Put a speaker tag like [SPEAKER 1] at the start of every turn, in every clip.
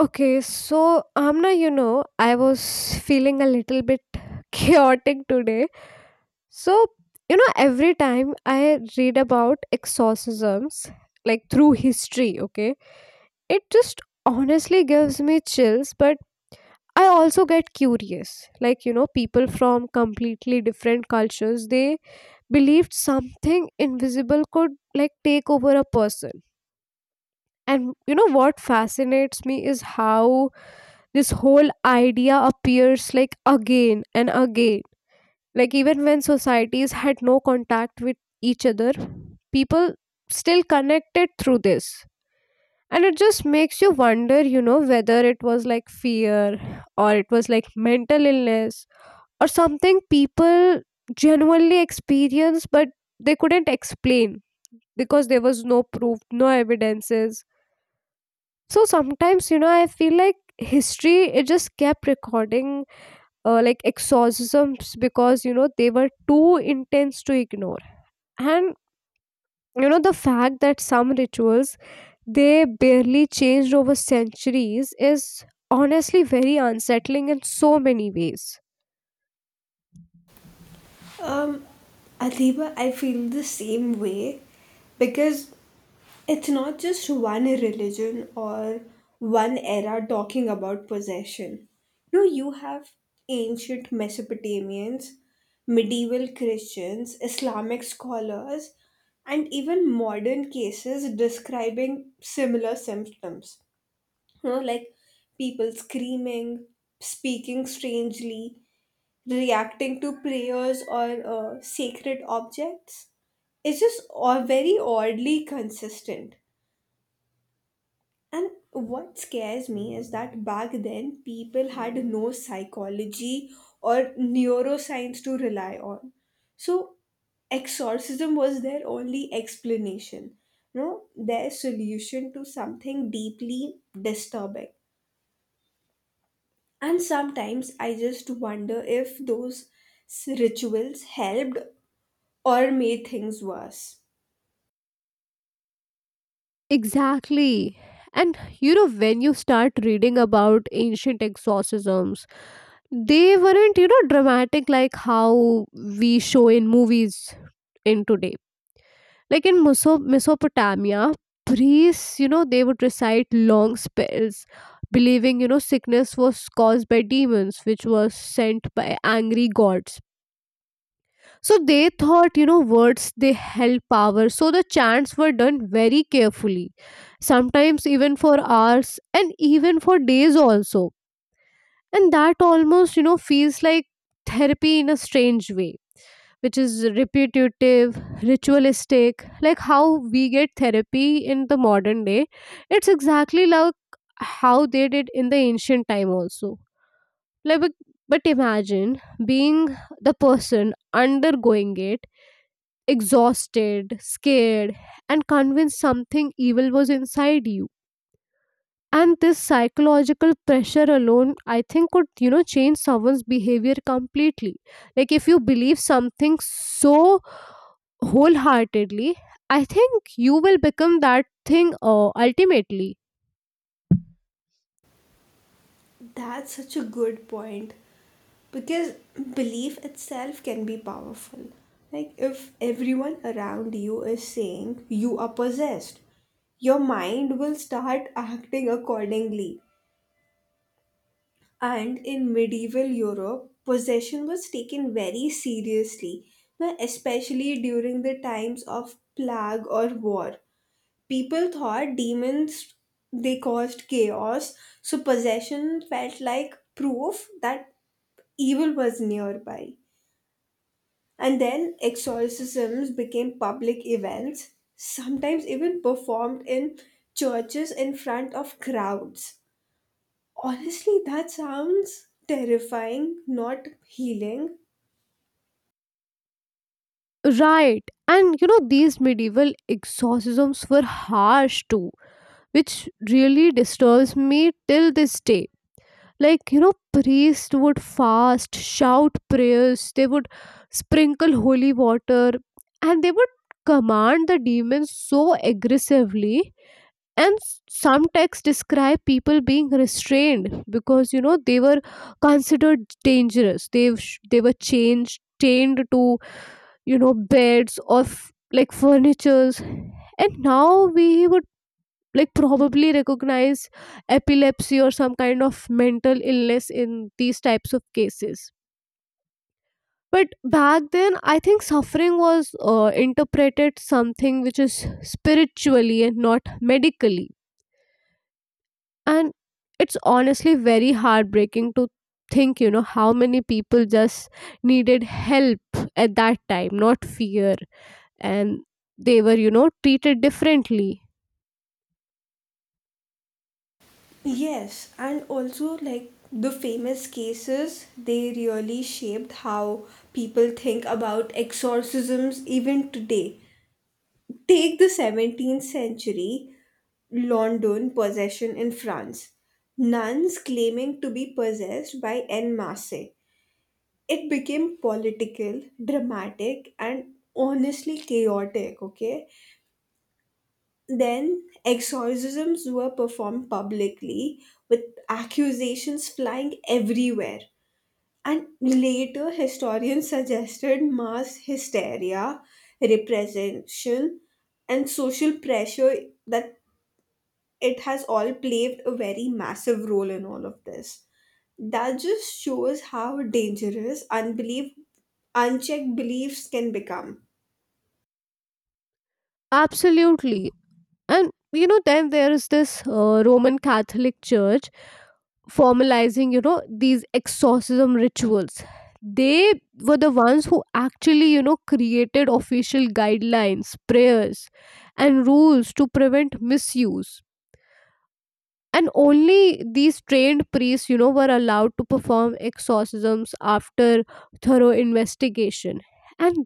[SPEAKER 1] Okay, so Amna, you know, I was feeling a little bit chaotic today. So, you know, every time I read about exorcisms, like through history, okay, it just honestly gives me chills, but I also get curious. Like, you know, people from completely different cultures, they believed something invisible could like take over a person. And you know what fascinates me is how this whole idea appears like again and again. Like, even when societies had no contact with each other, people still connected through this. And it just makes you wonder, you know, whether it was like fear or it was like mental illness or something people genuinely experienced but they couldn't explain because there was no proof, no evidences. So sometimes, you know, I feel like history, it just kept recording like exorcisms because you know they were too intense to ignore, and you know the fact that some rituals they barely changed over centuries is honestly very unsettling in so many ways.
[SPEAKER 2] Um, Adiba, I feel the same way because it's not just one religion or one era talking about possession. No, you have ancient Mesopotamians, medieval Christians, Islamic scholars, and even modern cases describing similar symptoms. You know, like people screaming, speaking strangely, reacting to prayers or sacred objects is just or very oddly consistent. And what scares me is that back then people had no psychology or neuroscience to rely on. So exorcism was their only explanation, no, their solution to something deeply disturbing. And sometimes I just wonder if those rituals helped or made things worse.
[SPEAKER 1] Exactly. And you know, when you start reading about ancient exorcisms, they weren't you know dramatic like how we show in movies in today, like in mesopotamia priests you know they would recite long spells, believing you know sickness was caused by demons which was sent by angry gods. So they thought you know words they held power, so the chants were done very carefully, sometimes even for hours and even for days also. And that almost you know feels like therapy in a strange way, which is repetitive, ritualistic, like how we get therapy in the modern day. It's exactly like how they did in the ancient time also. Like but imagine being the person undergoing it, exhausted, scared, and convinced something evil was inside you. And this psychological pressure alone I think could you know change someone's behavior completely. Like if you believe something so wholeheartedly, I think you will become that thing ultimately.
[SPEAKER 2] That's such a good point because belief itself can be powerful. Like, if everyone around you is saying you are possessed, your mind will start acting accordingly. And in medieval Europe, possession was taken very seriously, especially during the times of plague or war. People thought demons they caused chaos, so possession felt like proof that evil was nearby. And then exorcisms became public events, sometimes even performed in churches in front of crowds. Honestly, that sounds terrifying, not healing.
[SPEAKER 1] Right, and you know these medieval exorcisms were harsh too, which really disturbs me till this day. Like you know priests would fast shout prayers, they would sprinkle holy water, and they would command the demons so aggressively. And some texts describe people being restrained because you know they were considered dangerous, they were changed chained to you know beds or like furnitures. And now we would like probably recognize epilepsy or some kind of mental illness in these types of cases. But back then I think suffering was interpreted something which is spiritually and not medically. And it's honestly very heartbreaking to think you know how many people just needed help at that time, not fear. And they were you know treated differently.
[SPEAKER 2] Yes, and also like the famous cases, they really shaped how people think about exorcisms even today. Take the 17th century London possession in France. Nuns claiming to be possessed by en masse. It became political, dramatic, and honestly chaotic, okay? Then exorcisms were performed publicly with accusations flying everywhere. And later, historians suggested mass hysteria, repression, and social pressure that it has all played a very massive role in all of this. That just shows how dangerous unbelief, unchecked beliefs can become.
[SPEAKER 1] Absolutely. And you know, then there is this Roman Catholic Church formalizing, you know, these exorcism rituals. They were the ones who actually, you know, created official guidelines, prayers, and rules to prevent misuse. And only these trained priests, you know, were allowed to perform exorcisms after thorough investigation. And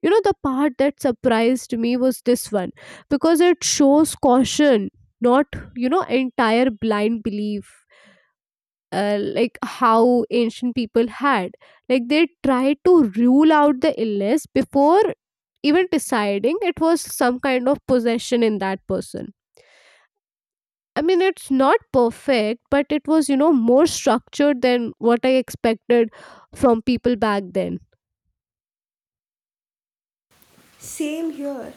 [SPEAKER 1] you know, the part that surprised me was this one, because it shows caution, not, you know, entire blind belief. Like how ancient people had, like they tried to rule out the illness before even deciding it was some kind of possession in that person. I mean it's not perfect, but it was you know more structured than what I expected from people back then.
[SPEAKER 2] Same here.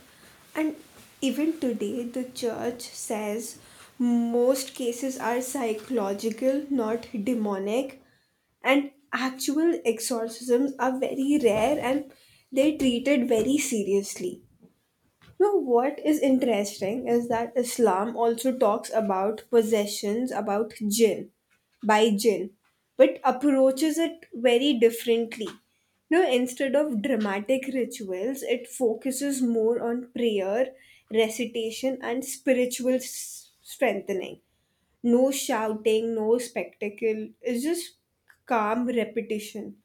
[SPEAKER 2] And even today, the church says most cases are psychological, not demonic. And actual exorcisms are very rare and they're treated very seriously. Now, what is interesting is that Islam also talks about possessions, about jinn, by jinn, but approaches it very differently. Now, instead of dramatic rituals, it focuses more on prayer, recitation, and spiritual strengthening. No shouting, no spectacle, it's just calm repetition.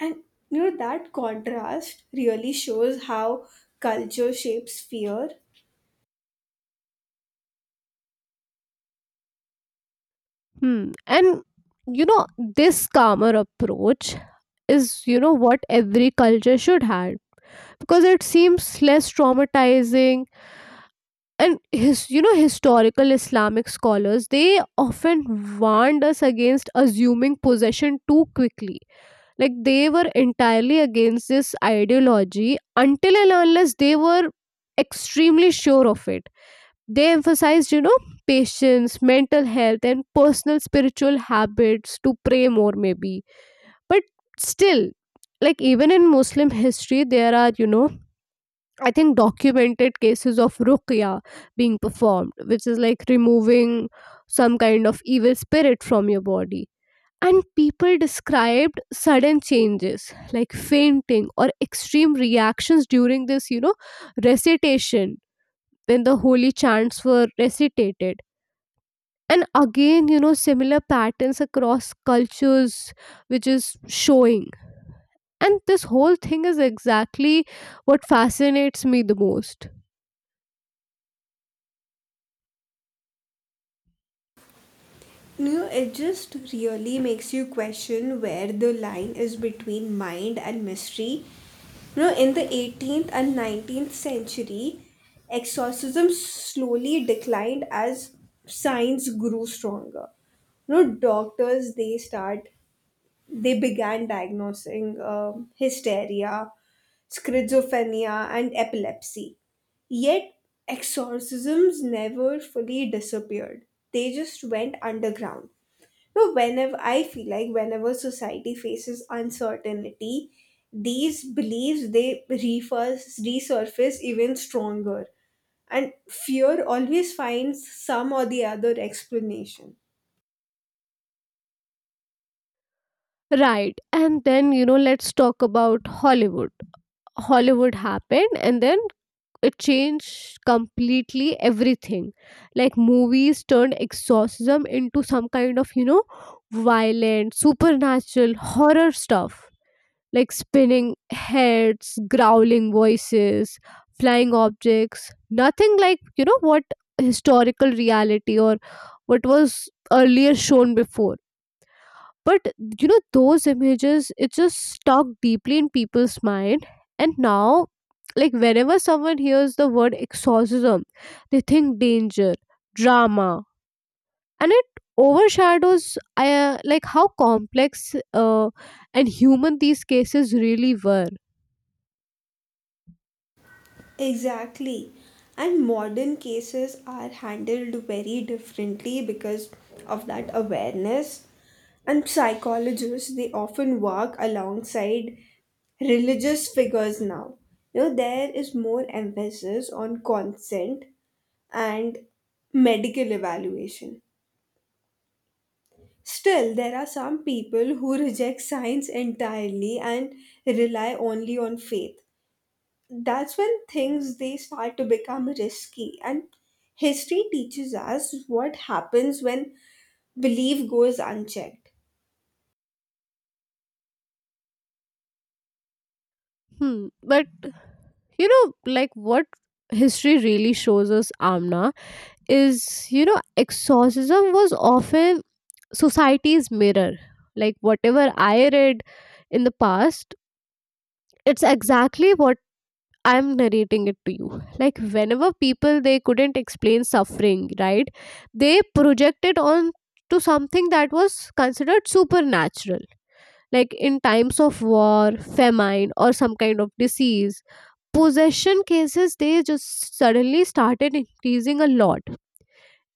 [SPEAKER 2] And you know, that contrast really shows how culture shapes fear.
[SPEAKER 1] Hmm. And you know, this calmer approach is, you know, what every culture should have because it seems less traumatizing. And his, you know, historical Islamic scholars they often warned us against assuming possession too quickly. Like they were entirely against this ideology until and unless they were extremely sure of it. They emphasized, you know, patience, mental health, and personal spiritual habits to pray more, maybe. But still, like even in Muslim history, there are, you know, I think documented cases of ruqya being performed, which is like removing some kind of evil spirit from your body. And people described sudden changes like fainting or extreme reactions during this, you know, recitation, when the holy chants were recited. And again you know similar patterns across cultures, which is showing, and this whole thing is exactly what fascinates me the most.
[SPEAKER 2] You know, it just really makes you question where the line is between mind and mystery. You know, in the 18th and 19th century, exorcism slowly declined as science grew stronger. You know, doctors they began diagnosing hysteria, schizophrenia, and epilepsy. Yet exorcisms never fully disappeared. They just went underground. No, whenever I feel like whenever society faces uncertainty, these beliefs they refers resurface even stronger, and fear always finds some or the other explanation.
[SPEAKER 1] Right, and then you know let's talk about hollywood. Hollywood happened and then it changed completely everything. Like movies turned exorcism into some kind of you know violent supernatural horror stuff, like spinning heads, growling voices, flying objects. Nothing like, you know, what historical reality or what was earlier shown before. But, you know, those images, it just stuck deeply in people's mind. And now, like, whenever someone hears the word exorcism, they think danger, drama, and it overshadows like how complex and human these cases really were.
[SPEAKER 2] Exactly. And modern cases are handled very differently because of that awareness. And psychologists, they often work alongside religious figures now. You know, there is more emphasis on consent and medical evaluation. Still, there are some people who reject science entirely and rely only on faith. That's when things they start to become risky, and history teaches us what happens when belief goes unchecked.
[SPEAKER 1] Hmm. But you know like what history really shows us, Amna, is you know exorcism was often society's mirror. Like whatever I read in the past, it's exactly what I'm narrating it to you. Like whenever people they couldn't explain suffering, right, they projected on to something that was considered supernatural. Like in times of war, famine, or some kind of disease, possession cases they just suddenly started increasing a lot.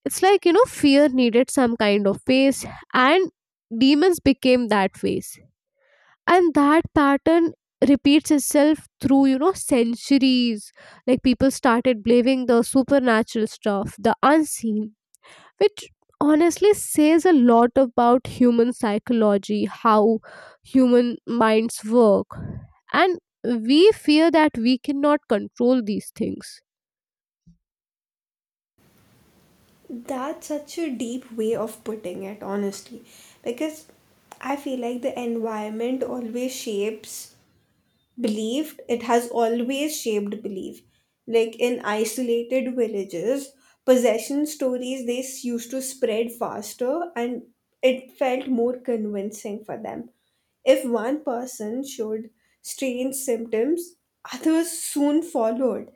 [SPEAKER 1] It's like, you know, fear needed some kind of face, and demons became that face. And that pattern repeats itself through, you know, centuries. Like people started believing the supernatural stuff, the unseen, which honestly says a lot about human psychology, how human minds work. And we fear that we cannot control these things.
[SPEAKER 2] That's such a deep way of putting it, honestly, because I feel like the environment always shapes believed it has always shaped belief. Like in isolated villages, possession stories they used to spread faster, and it felt more convincing for them. If one person showed strange symptoms, others soon followed,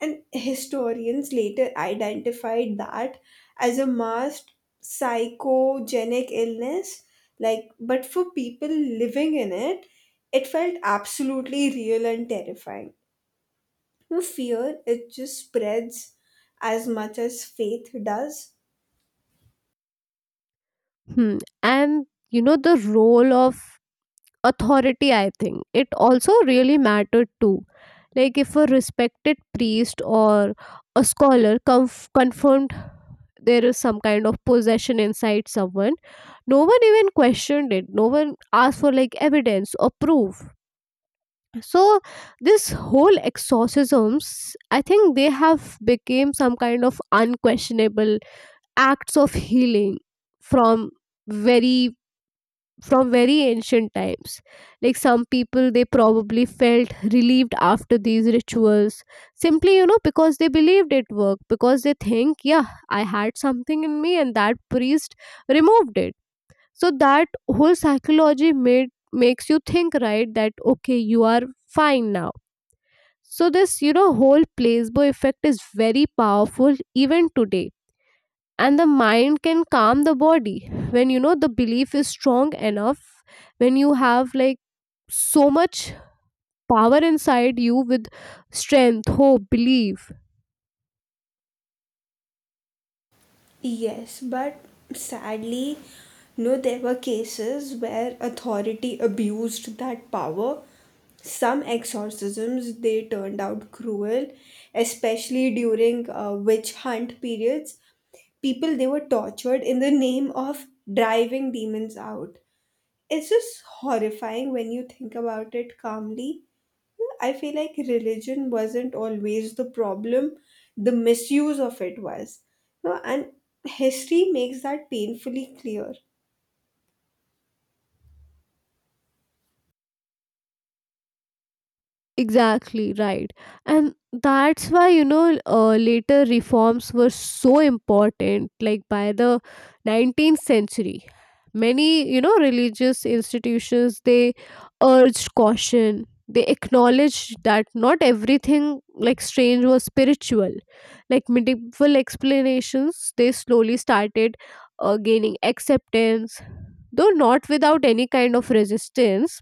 [SPEAKER 2] and historians later identified that as a masked psychogenic illness. Like, but for people living in it, it felt absolutely real and terrifying. You know, fear, it just spreads as much as faith does.
[SPEAKER 1] Hmm. And you know, the role of authority I think it also really mattered too. Like if a respected priest or a scholar confirmed there is some kind of possession inside someone, no one even questioned it, no one asked for like evidence or proof. So this whole exorcisms, I think they have became some kind of unquestionable acts of healing from very from very ancient times. Like some people, they probably felt relieved after these rituals simply, you know, because they believed it worked, because they think, yeah, I had something in me and that priest removed it. So that whole psychology made makes you think, right, that okay, you are fine now. So this, you know, whole placebo effect is very powerful even today, and the mind can calm the body when you know the belief is strong enough, when you have like so much power inside you with strength, hope, belief.
[SPEAKER 2] Yes, but sadly, no, there were cases where authority abused that power. Some exorcisms they turned out cruel, especially during witch hunt periods. People they were tortured in the name of driving demons out. It's just horrifying when you think about it calmly. I feel like religion wasn't always the problem, the misuse of it was. No, and history makes that painfully clear.
[SPEAKER 1] Exactly, right. And that's why, you know, later reforms were so important. Like by the 19th century, many, you know, religious institutions, they urged caution. They acknowledged that not everything like strange was spiritual. Like medieval explanations, they slowly started gaining acceptance, though not without any kind of resistance.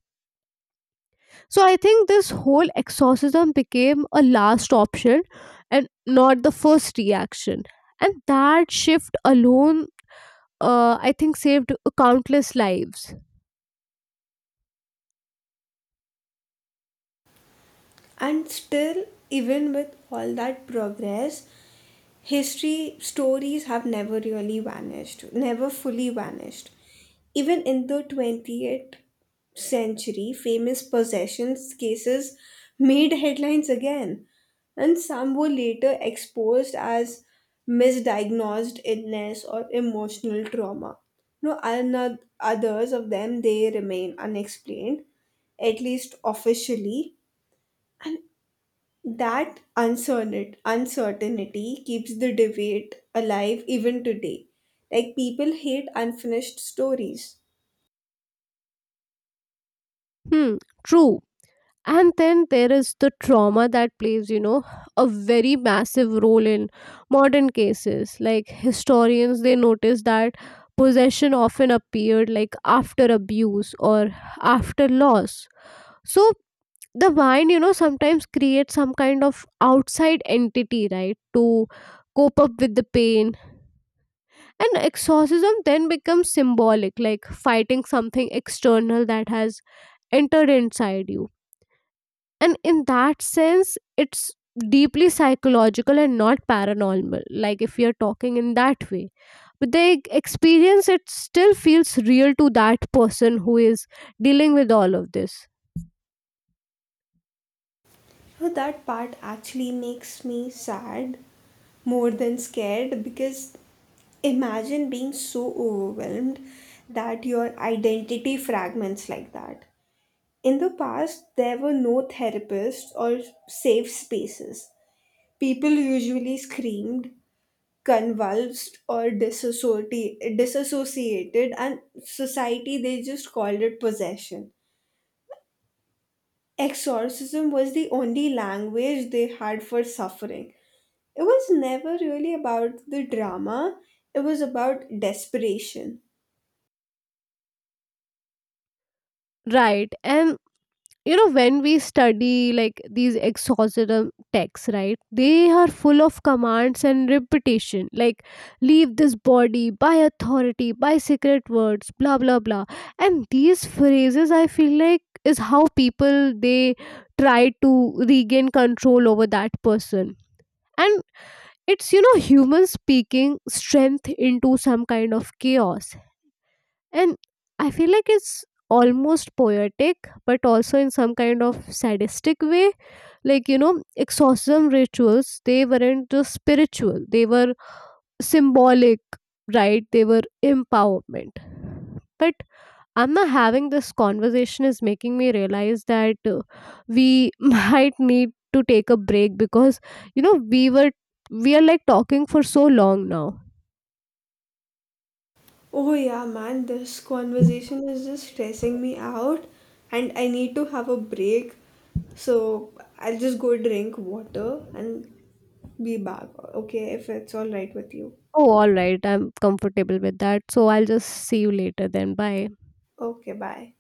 [SPEAKER 1] So I think this whole exorcism became a last option and not the first reaction. And that shift alone, I think, saved countless lives.
[SPEAKER 2] And still, even with all that progress, history stories have never really vanished, never fully vanished. Even in the 20th century, famous possessions cases made headlines again, and some were later exposed as misdiagnosed illness or emotional trauma. No, others of them they remain unexplained, at least officially. That uncertainty keeps the debate alive even today. Like people hate unfinished stories.
[SPEAKER 1] Hmm, true. And then there is the trauma that plays, you know, a very massive role in modern cases. Like historians, they notice that possession often appeared like after abuse or after loss. So the wine you know sometimes creates some kind of outside entity, right, to cope up with the pain. And exorcism then becomes symbolic, like fighting something external that has entered inside you. And in that sense it's deeply psychological and not paranormal, like if you're talking in that way. But the experience it still feels real to that person who is dealing with all of this.
[SPEAKER 2] So that part actually makes me sad more than scared because imagine being so overwhelmed that your identity fragments like that. In the past, there were no therapists or safe spaces. People usually screamed, convulsed, or disassociated, and society they just called it possession. Exorcism was the only language they had for suffering. It was never really about the drama, it was about desperation.
[SPEAKER 1] Right, and you know when we study like these exorcism texts, right, they are full of commands and repetition, like leave this body by authority by secret words, blah blah blah. And these phrases I feel like is how people they try to regain control over that person. And it's you know human speaking strength into some kind of chaos. And I feel like it's almost poetic, but also in some kind of sadistic way. Like, you know, exorcism rituals, they weren't just spiritual, they were symbolic, right? They were empowerment. But I'm not, having this conversation is making me realize that we might need to take a break because, you know, we are like talking for so long now.
[SPEAKER 2] Oh yeah, man, this conversation is just stressing me out, and I need to have a break. So I'll just go drink water and be back, okay, if it's all right with you?
[SPEAKER 1] Oh, alright. I'm comfortable with that. So I'll just see you later then. Bye.
[SPEAKER 2] Okay, bye.